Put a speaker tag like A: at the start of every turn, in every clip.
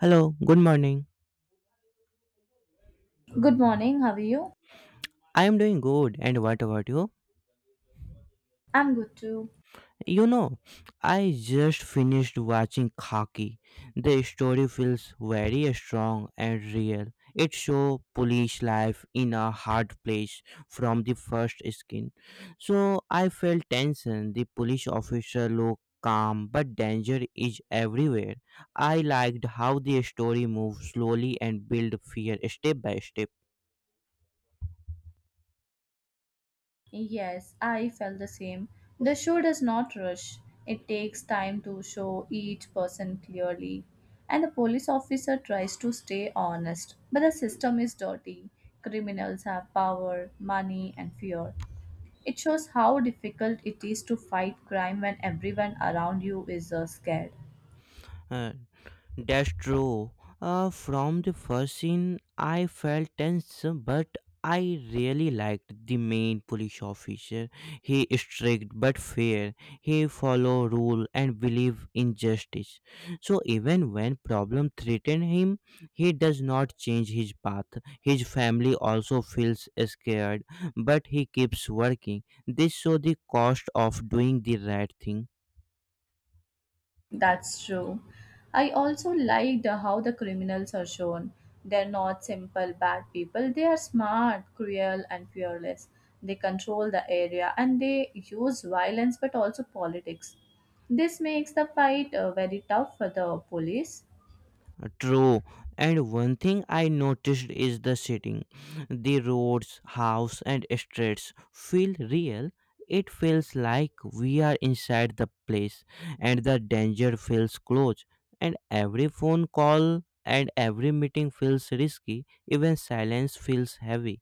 A: Hello, good morning.
B: Good morning, how are you?
A: I am doing good, and what about you?
B: I'm good too.
A: You know, I just finished watching Khaki. The story feels very strong and real. It shows police life in a hard place from the first skin. So I felt tension. The police officer looked calm, but danger is everywhere. I liked how the story moved slowly and built fear step by step.
B: Yes, I felt the same. The show does not rush, it takes time to show each person clearly. And the police officer tries to stay honest, but the system is dirty. Criminals have power, money, and fear. It shows how difficult it is to fight crime when everyone around you is scared.
A: Uh, That's true. From the first scene, I felt tense, but I really liked the main police officer. He is strict but fair. He follow rule and believe in justice. So even when problem threaten him, he does not change his path. His family also feels scared, but he keeps working. This show the cost of doing the right thing.
B: That's true. I also liked how the criminals are shown. They're not simple bad people, they are smart, cruel, and fearless. They control the area and they use violence but also politics. This makes the fight very tough for the police.
A: True. And one thing I noticed is the setting. The roads, house and streets feel real. It feels like we are inside the place and the danger feels close. And every phone call and every meeting feels risky. Even silence feels heavy.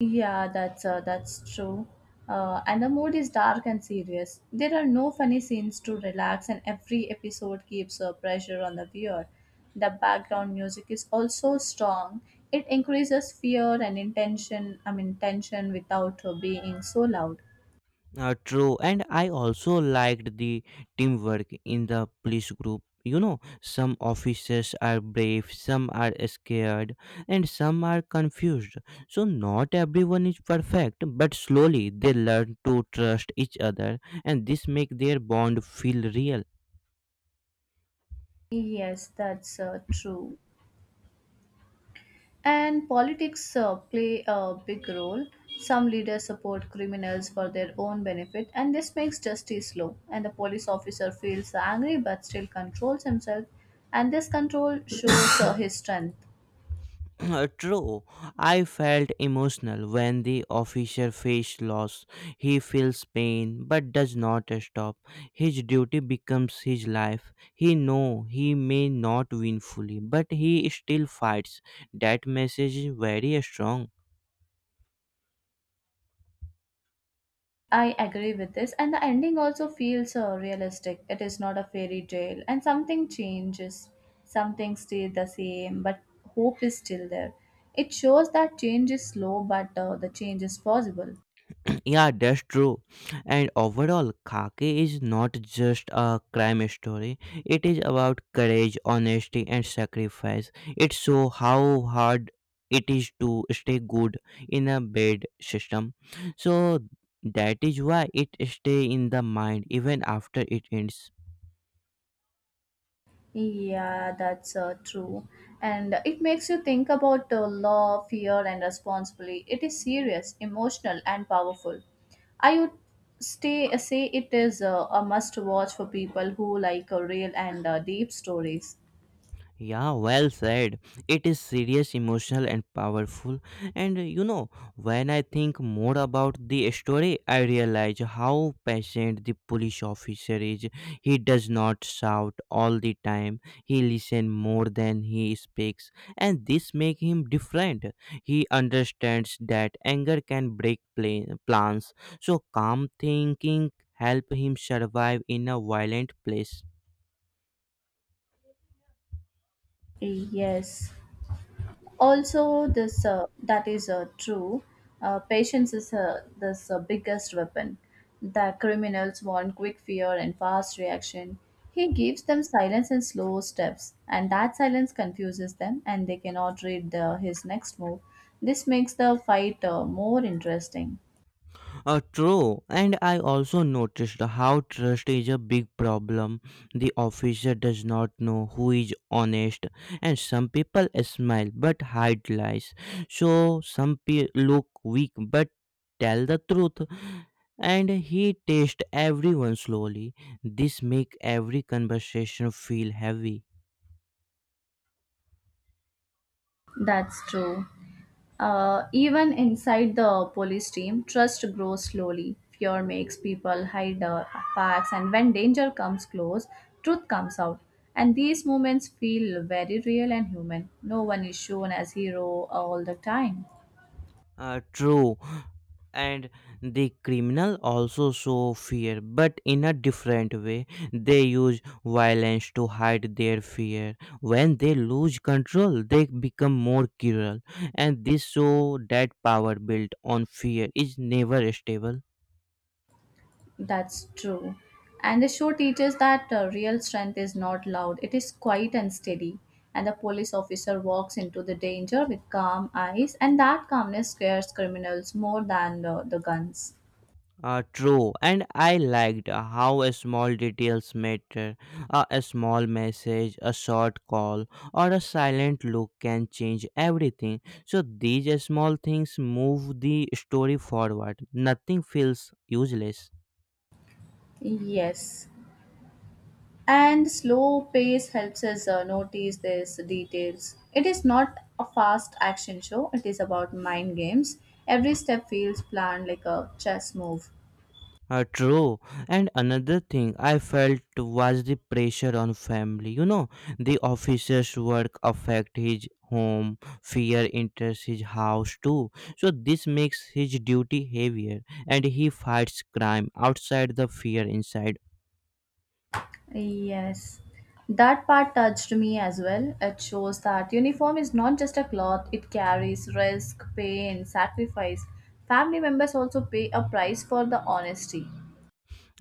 B: Yeah, that's true. And the mood is dark and serious. There are no funny scenes to relax, and every episode keeps pressure on the viewer. The background music is also strong. It increases fear and intention. I mean, tension without being so loud.
A: True, and I also liked the teamwork in the police group. Some officers are brave, some are scared, and some are confused. So, not everyone is perfect, but slowly they learn to trust each other, and this make their bond feel real.
B: Yes, that's true. And politics play a big role. Some leaders support criminals for their own benefit, and this makes justice slow. And the police officer feels angry but still controls himself, and this control shows his strength.
A: True, I felt emotional when the officer faced loss. He feels pain but does not stop. His duty becomes his life. He know he may not win fully, but he still fights. That message is very strong.
B: I agree with this, and the ending also feels realistic. It is not a fairy tale, and something changes, something stays the same, but hope is still there. It shows that change is slow, but the change is possible.
A: Yeah, that's true. And overall, Khaki is not just a crime story. It is about courage, honesty, and sacrifice. It shows how hard it is to stay good in a bad system. So that is why it stay in the mind even after it ends.
B: Yeah, that's true. And it makes you think about law, fear, and responsibility. It is serious, emotional, and powerful. I would say it is a must watch for people who like real and deep stories.
A: Yeah, well said. It is serious, emotional, and powerful. And when I think more about the story, I realize how patient the police officer is. He does not shout all the time. He listens more than he speaks, and this makes him different. He understands that anger can break plans, so calm thinking help him survive in a violent place.
B: Yes. Also, this that is true. Patience is this biggest weapon. The criminals want quick fear and fast reaction. He gives them silence and slow steps, and that silence confuses them, and they cannot read his next move. This makes the fight more interesting.
A: True, and I also noticed how trust is a big problem. The officer does not know who is honest, and some people smile but hide lies. So some look weak but tell the truth, and he tests everyone slowly. This make every conversation feel heavy.
B: That's true. Even inside the police team, trust grows slowly. Fear makes people hide facts, and when danger comes close, truth comes out. And these moments feel very real and human. No one is shown as hero all the time.
A: True. And the criminal also show fear but in a different way. They use violence to hide their fear. When they lose control, they become more cruel, and this show that power built on fear is never stable.
B: That's true. And the show teaches that real strength is not loud, it is quiet and steady. And the police officer walks into the danger with calm eyes, and that calmness scares criminals more than the guns.
A: True, and I liked how small details matter. A small message, a short call, or a silent look can change everything. So these small things move the story forward. Nothing feels useless.
B: Yes. And slow pace helps us notice these details. It is not a fast action show, it is about mind games. Every step feels planned like a chess move.
A: True. And another thing I felt was the pressure on family. The officer's work affect his home, fear enters his house too. So this makes his duty heavier and he fights crime outside the fear inside.
B: Yes, that part touched me as well. It shows that uniform is not just a cloth, it carries risk, pain, sacrifice. Family members also pay a price for the honesty.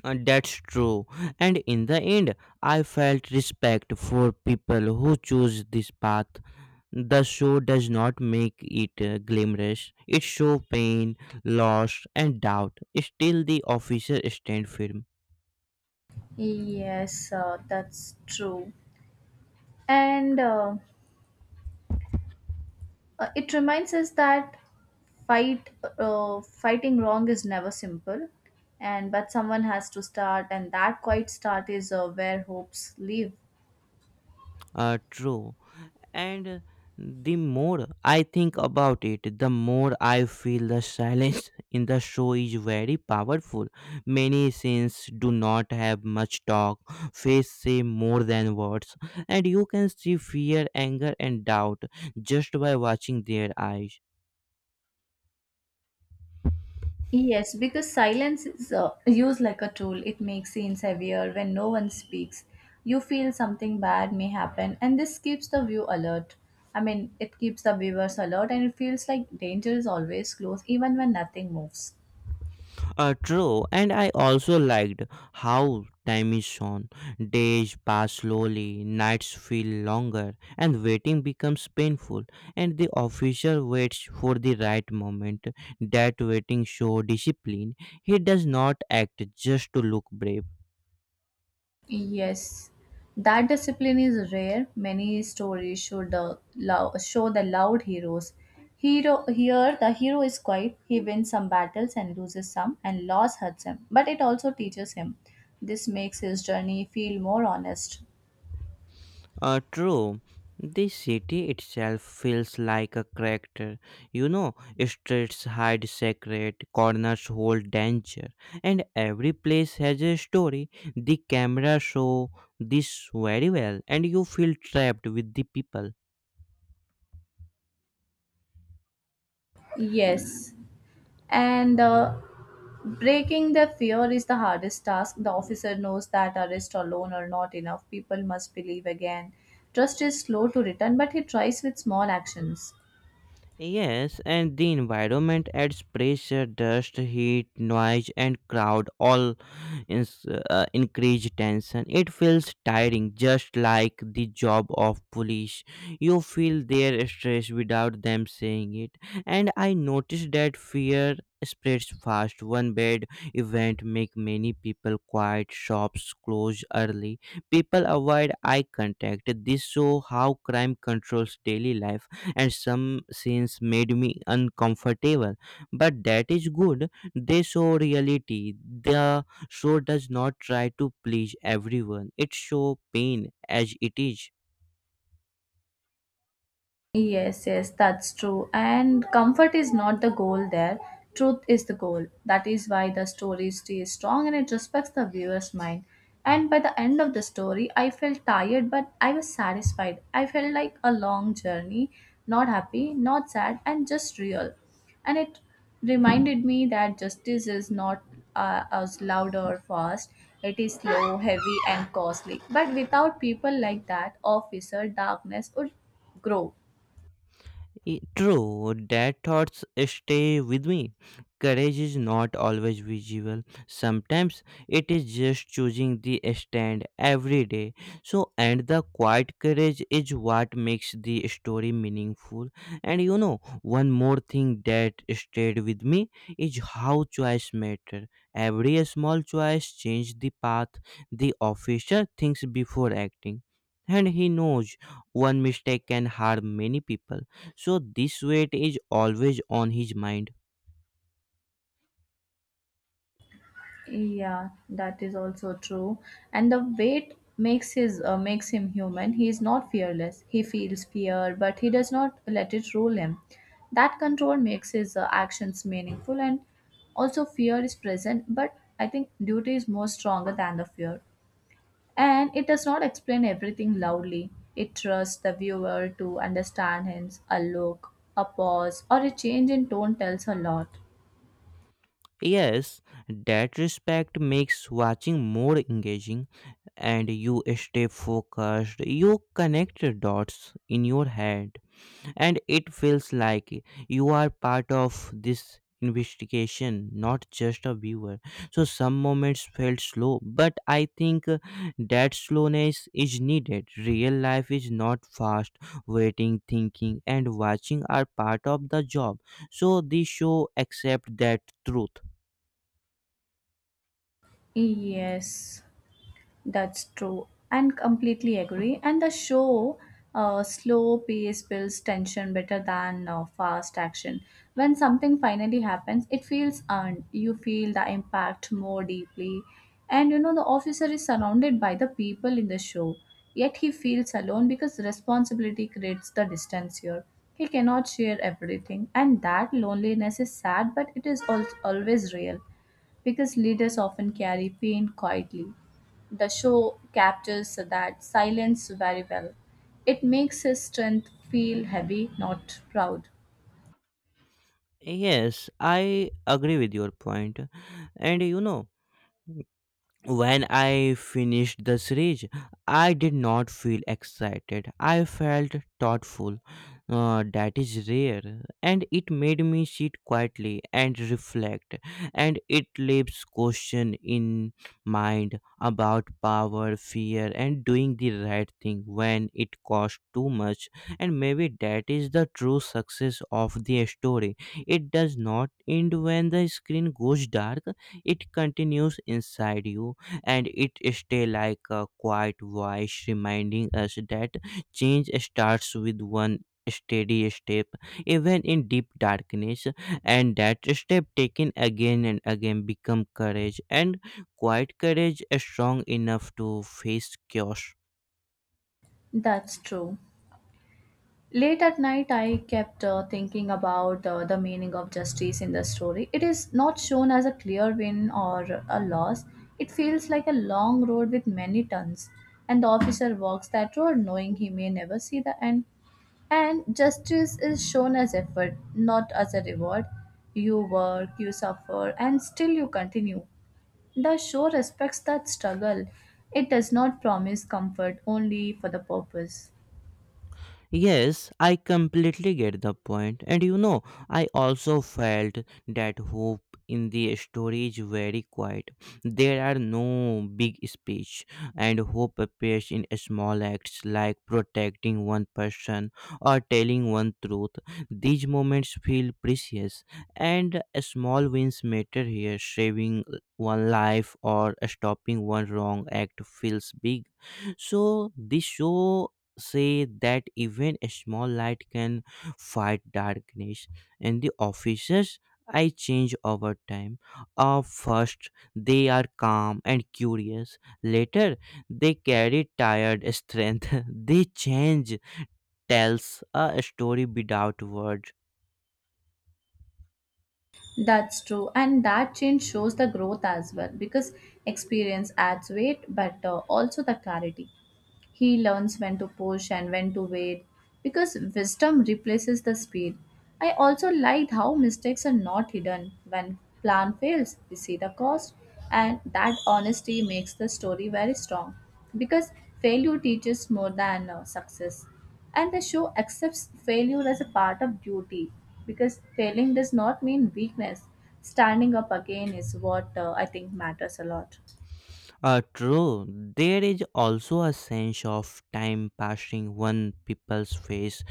A: That's true. And in the end, I felt respect for people who choose this path. The show does not make it glamorous. It shows pain, loss, and doubt. Still, the officer stand firm.
B: Yes, that's true. And it reminds us that fight fighting wrong is never simple, and but someone has to start, and that quiet start is where hopes live.
A: True. And the more I think about it, the more I feel the silence in the show is very powerful. Many scenes do not have much talk. Face say more than words, and you can see fear, anger and doubt just by watching their eyes.
B: Yes, because silence is used like a tool. It makes scenes heavier when no one speaks. You feel something bad may happen, and this keeps the view alert. I mean, it keeps the viewers alert, and it feels like danger is always close even when nothing moves.
A: True, and I also liked how time is shown. Days pass slowly, nights feel longer, and waiting becomes painful. And the officer waits for the right moment. That waiting shows discipline. He does not act just to look brave.
B: Yes, that discipline is rare. Many stories show show the loud heroes. Hero here the hero is quiet. He wins some battles and loses some, and loss hurts him, but it also teaches him. This makes his journey feel more honest.
A: True. The city itself feels like a character. You know, Streets hide secret, corners hold danger, and every place has a story. The camera show this very well, and you feel trapped with the people.
B: Yes, and breaking the fear is the hardest task. The officer knows that arrest alone are not enough. People must believe again. Trust is slow to return, but he tries with small actions.
A: Yes, and the environment adds pressure. Dust, heat, noise, and crowd all increase tension. It feels tiring, just like the job of police. You feel their stress without them saying it. And I noticed that fear spreads fast. One bad event make many people quiet, shops close early, people avoid eye contact. This show how crime controls daily life, and some scenes made me uncomfortable, but that is good. They show reality. The show does not try to please everyone, it show pain as it is.
B: Yes, yes, that's true. And comfort is not the goal there. Truth is the goal. That is why the story stays strong and it respects the viewer's mind. And by the end of the story, I felt tired, but I was satisfied. I felt like a long journey, not happy, not sad, and just real. And it reminded me that justice is not as loud or fast. It is slow, heavy, and costly. But without people like that, officer, darkness would grow.
A: I- true, that thoughts stay with me. Courage is not always visible. Sometimes it is just choosing the stand every day. So, and the quiet courage is what makes the story meaningful. And one more thing that stayed with me is how choice matter. Every small choice changes the path. The officer thinks before acting, and he knows one mistake can harm many people, so this weight is always on his mind.
B: Yeah, that is also true. And the weight makes his makes him human. He is not fearless. He feels fear, but he does not let it rule him. That control makes his actions meaningful, and also fear is present. But I think duty is more stronger than the fear, and it does not explain everything loudly. It trusts the viewer to understand his a look, a pause, or a change in tone tells a lot.
A: Yes, that respect makes watching more engaging, and you stay focused. You connect dots in your head, and it feels like you are part of this investigation, not just a viewer. So some moments felt slow, but I think that slowness is needed. Real life is not fast. Waiting, thinking and watching are part of the job, so the show accept that truth.
B: Yes. That's true, and completely agree. And the show, slow pace builds tension better than fast action. When something finally happens, it feels earned. You feel the impact more deeply. And you know, the officer is surrounded by the people in the show, yet he feels alone because responsibility creates the distance here. He cannot share everything, and that loneliness is sad, but always real because leaders often carry pain quietly. The show captures that silence very well. It makes his strength feel heavy, not proud.
A: Yes, I agree with your point. And when I finished the series, I did not feel excited. I felt thoughtful. That is rare. And it made me sit quietly and reflect. And it leaves question in mind about power, fear, and doing the right thing when it costs too much. And maybe that is the true success of the story. It does not end when the screen goes dark. It continues inside you, and it stay like a quiet voice reminding us that change starts with one steady step, even in deep darkness, and that step taken again and again become courage, and quiet courage is strong enough to face chaos.
B: That's true. Late at night, I kept thinking about the meaning of justice in the story. It is not shown as a clear win or a loss. It feels like a long road with many turns, and the officer walks that road knowing he may never see the end. And justice is shown as effort, not as a reward. You work, you suffer, and still you continue. The show respects that struggle. It does not promise comfort only for the purpose.
A: Yes, I completely get the point. And I also felt that hope in the story is very quiet. There are no big speech, and hope appears in small acts like protecting one person or telling one truth. These moments feel precious, and small wins matter here. Saving one life or stopping one wrong act feels big, so this show say that even a small light can fight darkness. And the officers I change over time. First, they are calm and curious, later they carry tired strength. They change tells a story without words.
B: That's true, and that change shows the growth as well because experience adds weight, but also the clarity. He learns when to push and when to wait because wisdom replaces the speed. I also liked how mistakes are not hidden. When plan fails, we see the cost, and that honesty makes the story very strong because failure teaches more than success. And the show accepts failure as a part of duty because failing does not mean weakness. Standing up again is what I think matters a lot.
A: True. There is also a sense of time passing when people's face,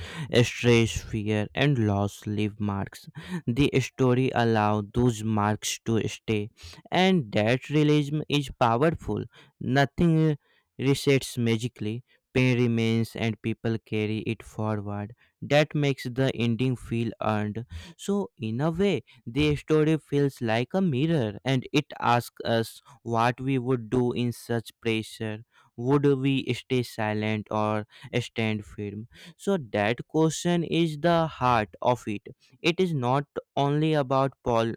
A: stress, fear, and loss leave marks. The story allows those marks to stay, and that realism is powerful. Nothing resets magically. Pain remains, and people carry it forward. That makes the ending feel earned. So, in a way, the story feels like a mirror, and it asks us what we would do in such pressure. Would we stay silent or stand firm? So that question is the heart of it. It is not only about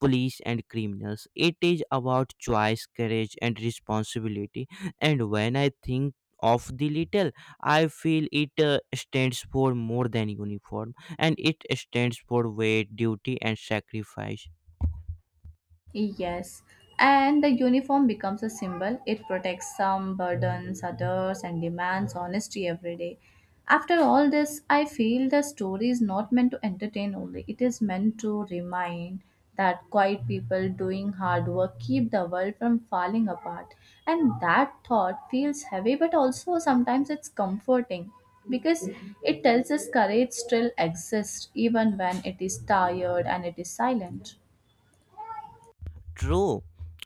A: police and criminals, it is about choice, courage and responsibility. And when I think of the little, I feel it stands for more than uniform, and it stands for weight, duty and sacrifice.
B: Yes, and the uniform becomes a symbol. It protects some, burdens others, and demands honesty every day. After all this, I feel the story is not meant to entertain only. It is meant to remind that quiet people doing hard work keep the world from falling apart. And that thought feels heavy, but also sometimes it's comforting because it tells us courage still exists even when it is tired and it is silent.
A: True.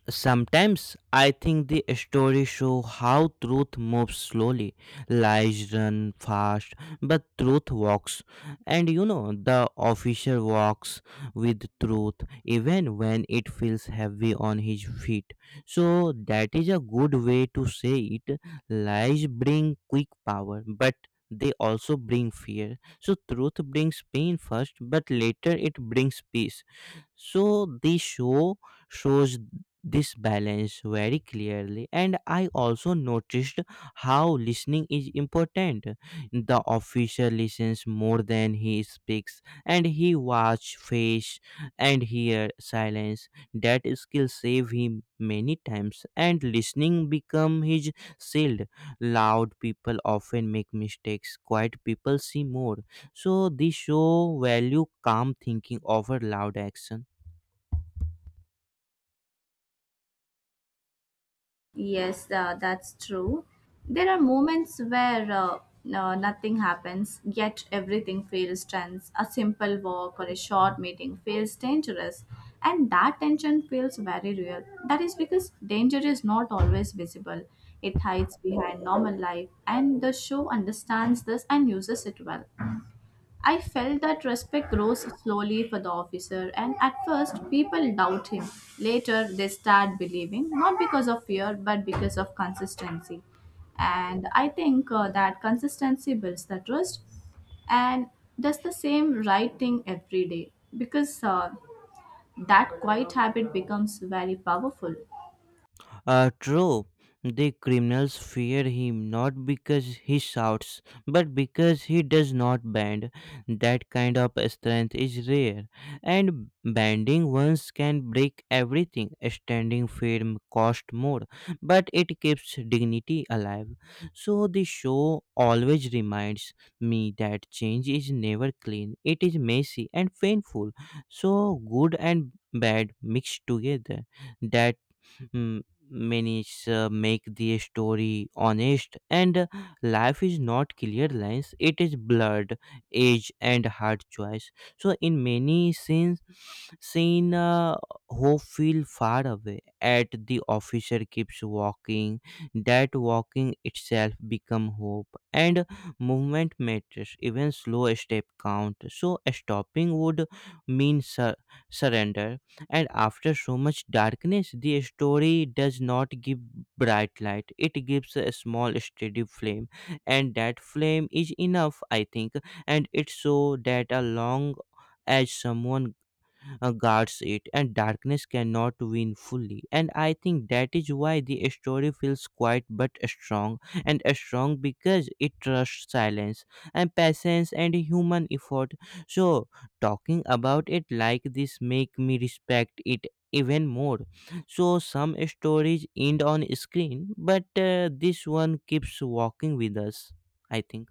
A: Sometimes I think the stories show how truth moves slowly. Lies run fast, but truth walks. And the officer walks with truth even when it feels heavy on his feet. So that is a good way to say it. Lies bring quick power, but they also bring fear. So truth brings pain first, but later it brings peace. So they shows this balance very clearly. And I also noticed how listening is important. The officer listens more than he speaks, and he watch face and hear silence. That skill save him many times, and listening become his shield. Loud people often make mistakes, quiet people see more. So this show value calm thinking over loud action.
B: Yes, that's true. There are moments where no, nothing happens, yet everything feels tense. A simple walk or a short meeting feels dangerous, and that tension feels very real. That is because danger is not always visible, it hides behind normal life, and the show understands this and uses it well. I felt that respect grows slowly for the officer, and at first people doubt him. Later, they start believing, not because of fear, but because of consistency. And I think that consistency builds the trust and does the same right thing every day because that quiet habit becomes very powerful.
A: True. The criminals fear him not because he shouts, but because he does not bend. That kind of strength is rare, and bending once can break everything. Standing firm costs more, but it keeps dignity alive. So the show always reminds me that change is never clean. It is messy and painful. So good and bad mixed together that M- many make the story honest and life is not clear lines, it is blurred age and hard choice. So in many scenes scene hope feel far away at the officer keeps walking. That walking itself become hope, and movement matters, even slow step count. So stopping would mean surrender. And after so much darkness, the story does not give bright light, it gives a small steady flame. And that flame is enough, I think, and it so that a long as someone guards it, and darkness cannot win fully. And I think that is why the story feels quiet but strong, and strong because it trusts silence and patience and human effort. So talking about it like this make me respect it even more. So some stories end on screen, but this one keeps walking with us, I think.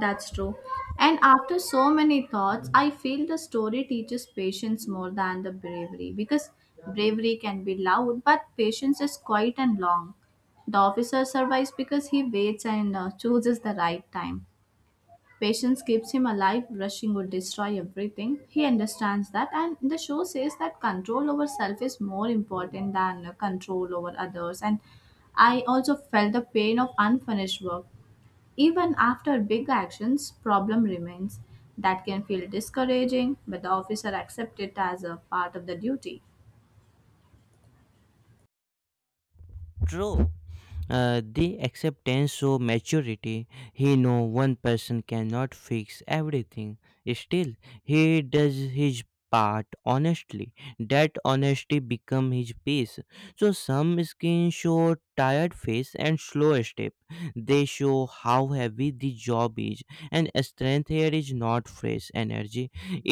B: That's true. And after so many thoughts, I feel the story teaches patience more than the bravery because bravery can be loud, but patience is quiet and long. The officer survives because he waits and chooses the right time. Patience keeps him alive, rushing would destroy everything. He understands that, and the show says that control over self is more important than control over others. And I also felt the pain of unfinished work even after big actions, problem remains. That can feel discouraging, but the officer accepts it as a part of the duty.
A: True. The acceptance show maturity. He know one person cannot fix everything. Still, he does his part honestly. That honesty become his peace. So some skin show tired face and slow step. They show how heavy the job is. And strength here is not fresh energy.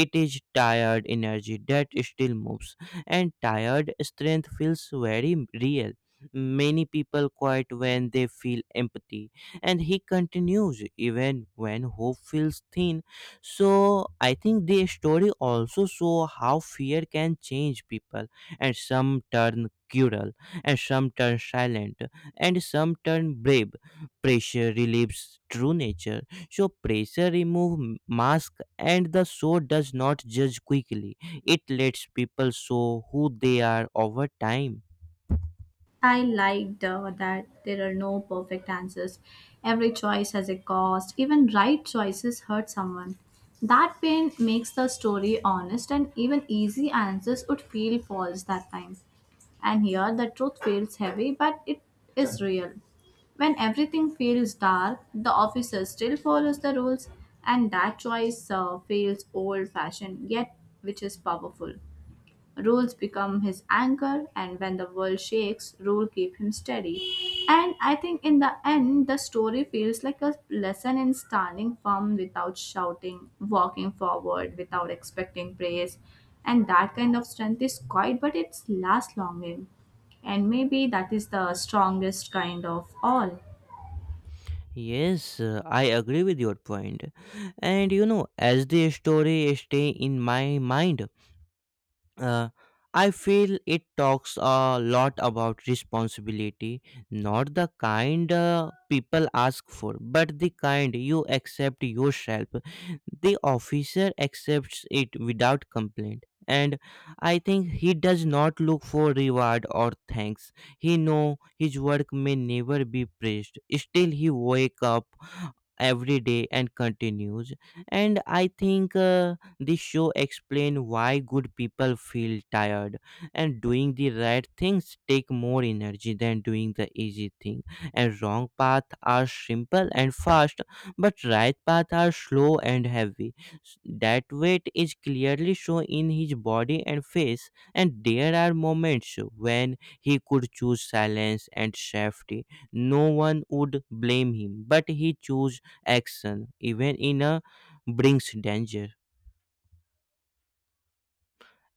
A: It is tired energy that still moves. And tired strength feels very real. Many people quiet when they feel empathy. And he continues, even when hope feels thin. So I think the story also show how fear can change people, and some turn cruel, and some turn silent, and some turn brave. Pressure relieves true nature. So pressure remove mask, and the soul does not judge quickly. It lets people show who they are over time.
B: I liked that there are no perfect answers. Every choice has a cost. Even right choices hurt someone. That pain makes the story honest, and even easy answers would feel false that time. And here, the truth feels heavy, but it is real. When everything feels dark, the officer still follows the rules, and that choice feels old fashioned, yet which is powerful. Rules become his anchor, and when the world shakes, rule keep him steady. And I think in the end, the story feels like a lesson in standing firm without shouting, walking forward without expecting praise. And that kind of strength is quiet, but it's lasts longing. And maybe that is the strongest kind of all.
A: Yes, I agree with your point. And you know, as the story stay in my mind, uh, I feel it talks a lot about responsibility, not the kind people ask for, but the kind you accept yourself. The officer accepts it without complaint. And I think he does not look for reward or thanks. He know his work may never be praised. Still, he wake up every day and continues. And I think. This show explains why good people feel tired, and doing the right things take more energy than doing the easy thing. And wrong paths are simple and fast, but right paths are slow and heavy. That weight is clearly shown in his body and face, and there are moments when he could choose silence and safety. No one would blame him, but he chose action, even in a brings danger.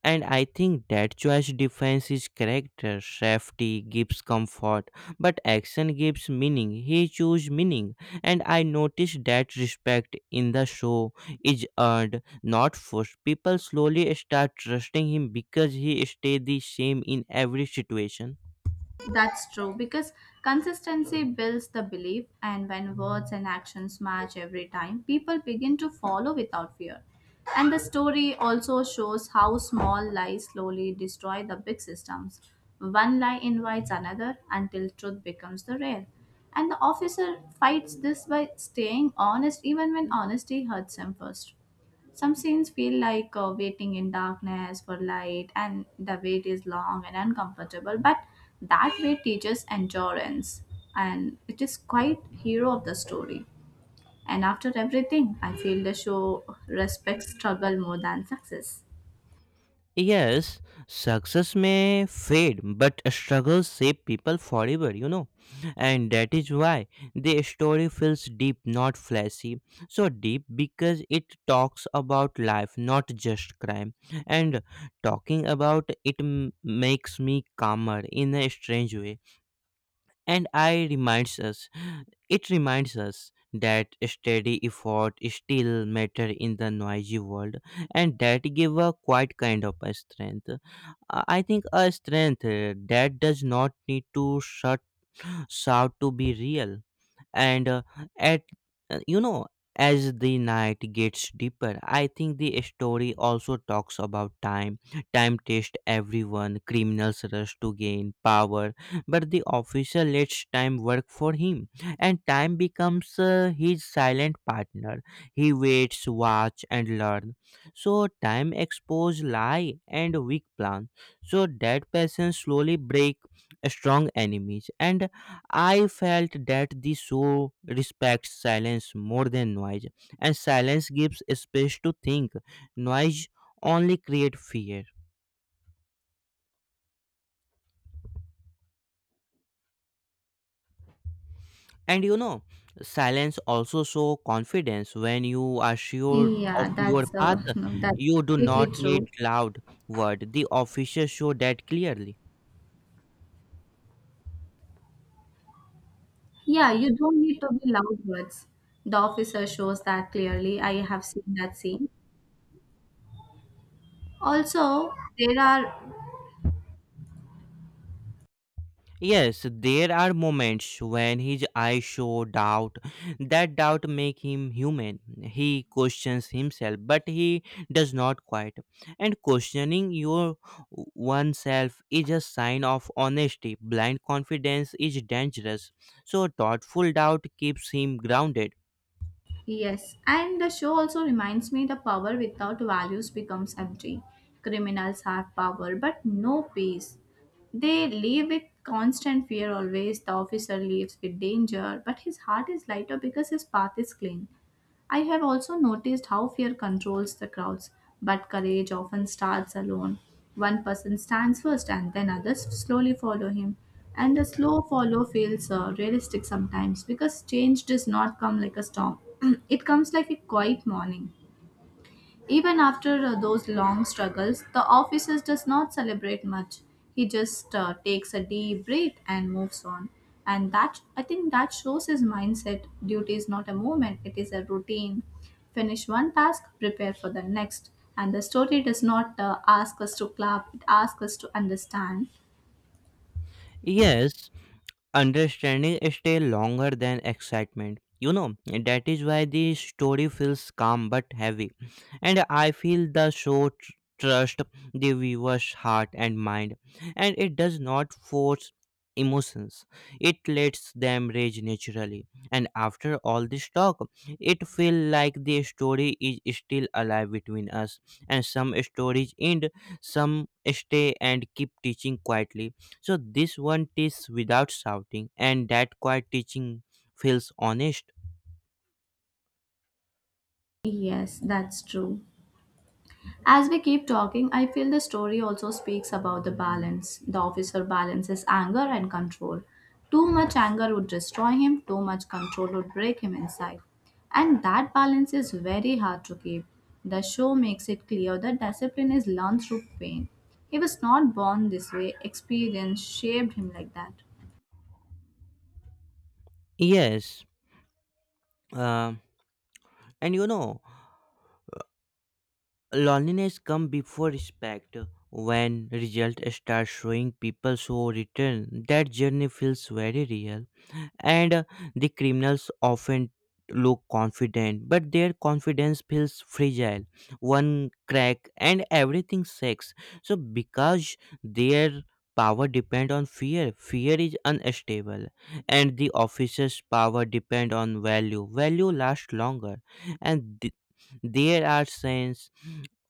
A: And I think that choice defines his character. Safety gives comfort, but action gives meaning. He chose meaning, and I noticed that respect in the show is earned, not forced. People slowly start trusting him because he stay the same in every situation.
B: That's true because consistency builds the belief, and when words and actions match every time, people begin to follow without fear. And the story also shows how small lies slowly destroy the big systems. One lie invites another until truth becomes the rare. And the officer fights this by staying honest even when honesty hurts him first. Some scenes feel like waiting in darkness for light, and the wait is long and uncomfortable, but that wait teaches endurance, and it is quite hero of the story. And after everything, I feel the show respects struggle more than success.
A: Yes, success may fade, but struggles shape people forever, you know. And that is why the story feels deep, not flashy. So deep because it talks about life, not just crime. And talking about it makes me calmer in a strange way, and I reminds us it reminds us that steady effort still matter in the noisy world, and that give a quite kind of a strength. I think a strength that does not need to shut shout to be real, and at you know as the night gets deeper, I think the story also talks about time. Time tests everyone. Criminals rush to gain power, but the officer lets time work for him, and time becomes his silent partner. He waits, watch and learn. So time expose lie and weak plan, so that person slowly break strong enemies. And I felt that the show respects silence more than noise, and silence gives space to think. Noise only creates fear. And you know, silence also shows confidence. When you are sure of
B: Yeah,
A: your
B: that's
A: path,
B: that's
A: you do
B: completely
A: not need
B: true.
A: loud word. The official show that clearly.
B: Yeah, you don't need to be loud words. The officer shows that clearly. I have seen that scene. Also, there are
A: Yes, there are moments when his eyes show doubt. That doubt makes him human. He questions himself, but he does not quit. And questioning your oneself is a sign of honesty. Blind confidence is dangerous. So thoughtful doubt keeps him grounded.
B: Yes, and the show also reminds me the power without values becomes empty. Criminals have power but no peace. They live with constant fear always. The officer lives with danger, but his heart is lighter because his path is clean. I have also noticed how fear controls the crowds, but courage often starts alone. One person stands first and then others slowly follow him. And the slow follow feels realistic sometimes because change does not come like a storm, it comes like a quiet morning. Even after those long struggles, the officer does not celebrate much. He just takes a deep breath and moves on. And that I think that shows his mindset. Duty is not a moment; it is a routine. Finish one task, prepare for the next. And the story does not ask us to clap; it asks us to understand.
A: Yes, Understanding stays longer than excitement. You know, that is why the story feels calm but heavy. And I feel the show trusts the viewer's heart and mind. And it does not force emotions, it lets them rage naturally. And after all this talk, it feels like the story is still alive between us. And some stories end, some stay and keep teaching quietly. So this one teaches without shouting, and that quiet teaching feels honest.
B: Yes, that's true. As we keep talking, I feel the story also speaks about the balance. The officer balances anger and control. Too much anger would destroy him, too much control would break him inside. And that balance is very hard to keep. The show makes it clear that discipline is learned through pain. He was not born this way, experience shaped him like that.
A: Yes, uh, and you know, loneliness come before respect. When result start showing, people so return. That journey feels very real. And the criminals often look confident, but their confidence feels fragile. One crack and everything shakes, so because their power depend on fear, fear is unstable. And the officer's power depend on value, value lasts longer. And there are scenes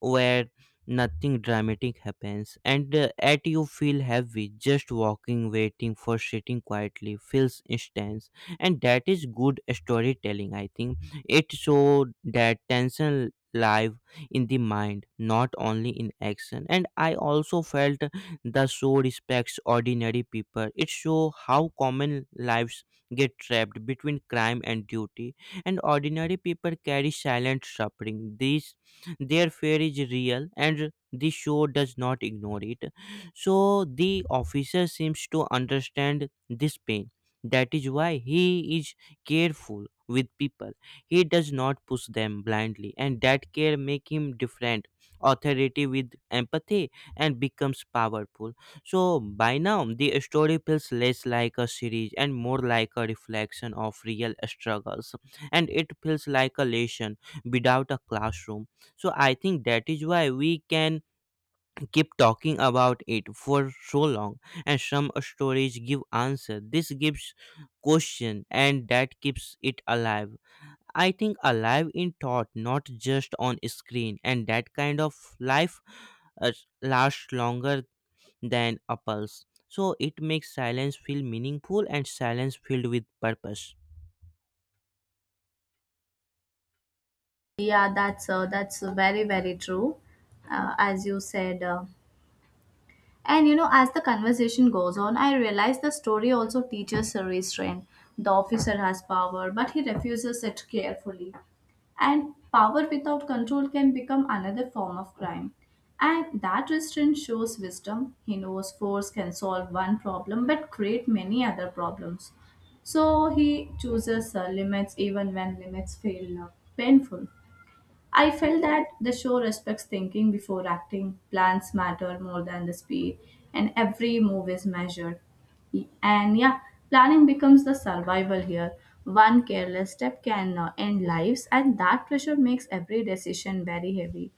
A: where nothing dramatic happens, and at you feel heavy. Just walking, waiting for sitting quietly feels intense, and that is good storytelling, I think. It showed that tension live in the mind, not only in action. And I also felt the show respects ordinary people. It show how common lives get trapped between crime and duty, and ordinary people carry silent suffering. These their fear is real, and the show does not ignore it. So the officer seems to understand this pain. That is why he is careful with people. He does not push them blindly, and that care make him different. Authority with empathy, and becomes powerful. So by now the story feels less like a series and more like a reflection of real struggles, and it feels like a lesson without a classroom. So I think that is why we can keep talking about it for so long. And some stories give answer, this gives question, and that keeps it alive. I think alive in thought, not just on screen. And that kind of life uh, lasts longer than a pulse. So it makes silence feel meaningful, and silence filled with purpose.
B: Yeah, that's very very true. Uh, as you said, uh, And you know, as the conversation goes on, I realize the story also teaches a restraint. The officer has power, but he refuses it carefully. And power without control can become another form of crime. And that restraint shows wisdom. He knows force can solve one problem but create many other problems. So he chooses limits even when limits feel painful. I felt that the show respects thinking before acting, plans matter more than the speed, and every move is measured. And yeah, planning becomes the survival here. One careless step can end lives, and that pressure makes every decision very heavy.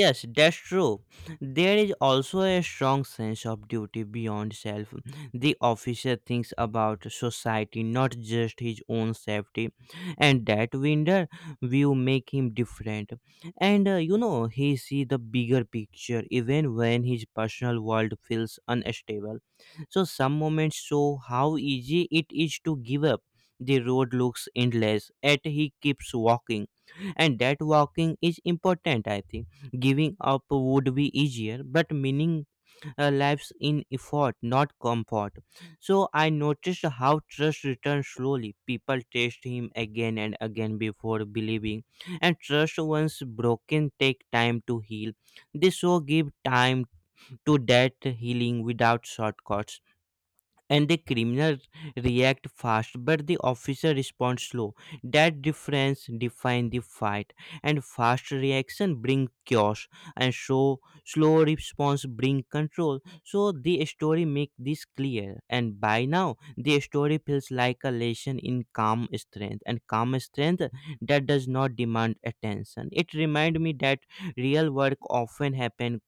A: Yes, that's true. There is also a strong sense of duty beyond self. The officer thinks about society, not just his own safety, and that window view make him different. And you know, he see the bigger picture even when his personal world feels unstable. So some moments show how easy it is to give up. The road looks endless, yet he keeps walking, and that walking is important, I think. Giving up would be easier, but meaning lives in effort, not comfort. So I noticed how trust returns slowly. People test him again and again before believing, and trust once broken take time to heal. This show give time to that healing without shortcuts. And the criminal react fast, but the officer responds slow. That difference defines the fight, and fast reaction bring chaos, and so slow response bring control. So the story make this clear, and by now the story feels like a lesson in calm strength. And calm strength that does not demand attention, it remind me that real work often happen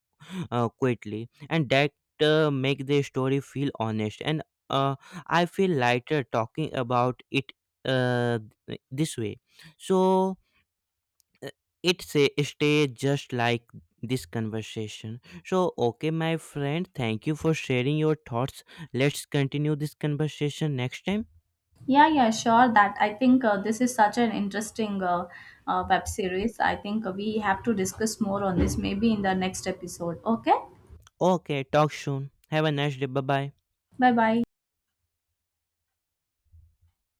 A: quickly, and that make the story feel honest. And uh, I feel lighter talking about it uh, this way. So uh, it say stay just like this conversation. So okay, my friend, thank you for sharing your thoughts. Let's continue this conversation next time.
B: Yeah, yeah, sure. That I think this is such an interesting web series. I think we have to discuss more on this maybe in the next episode. Okay,
A: Okay, talk soon. Have a nice day. Bye bye.
B: bye bye.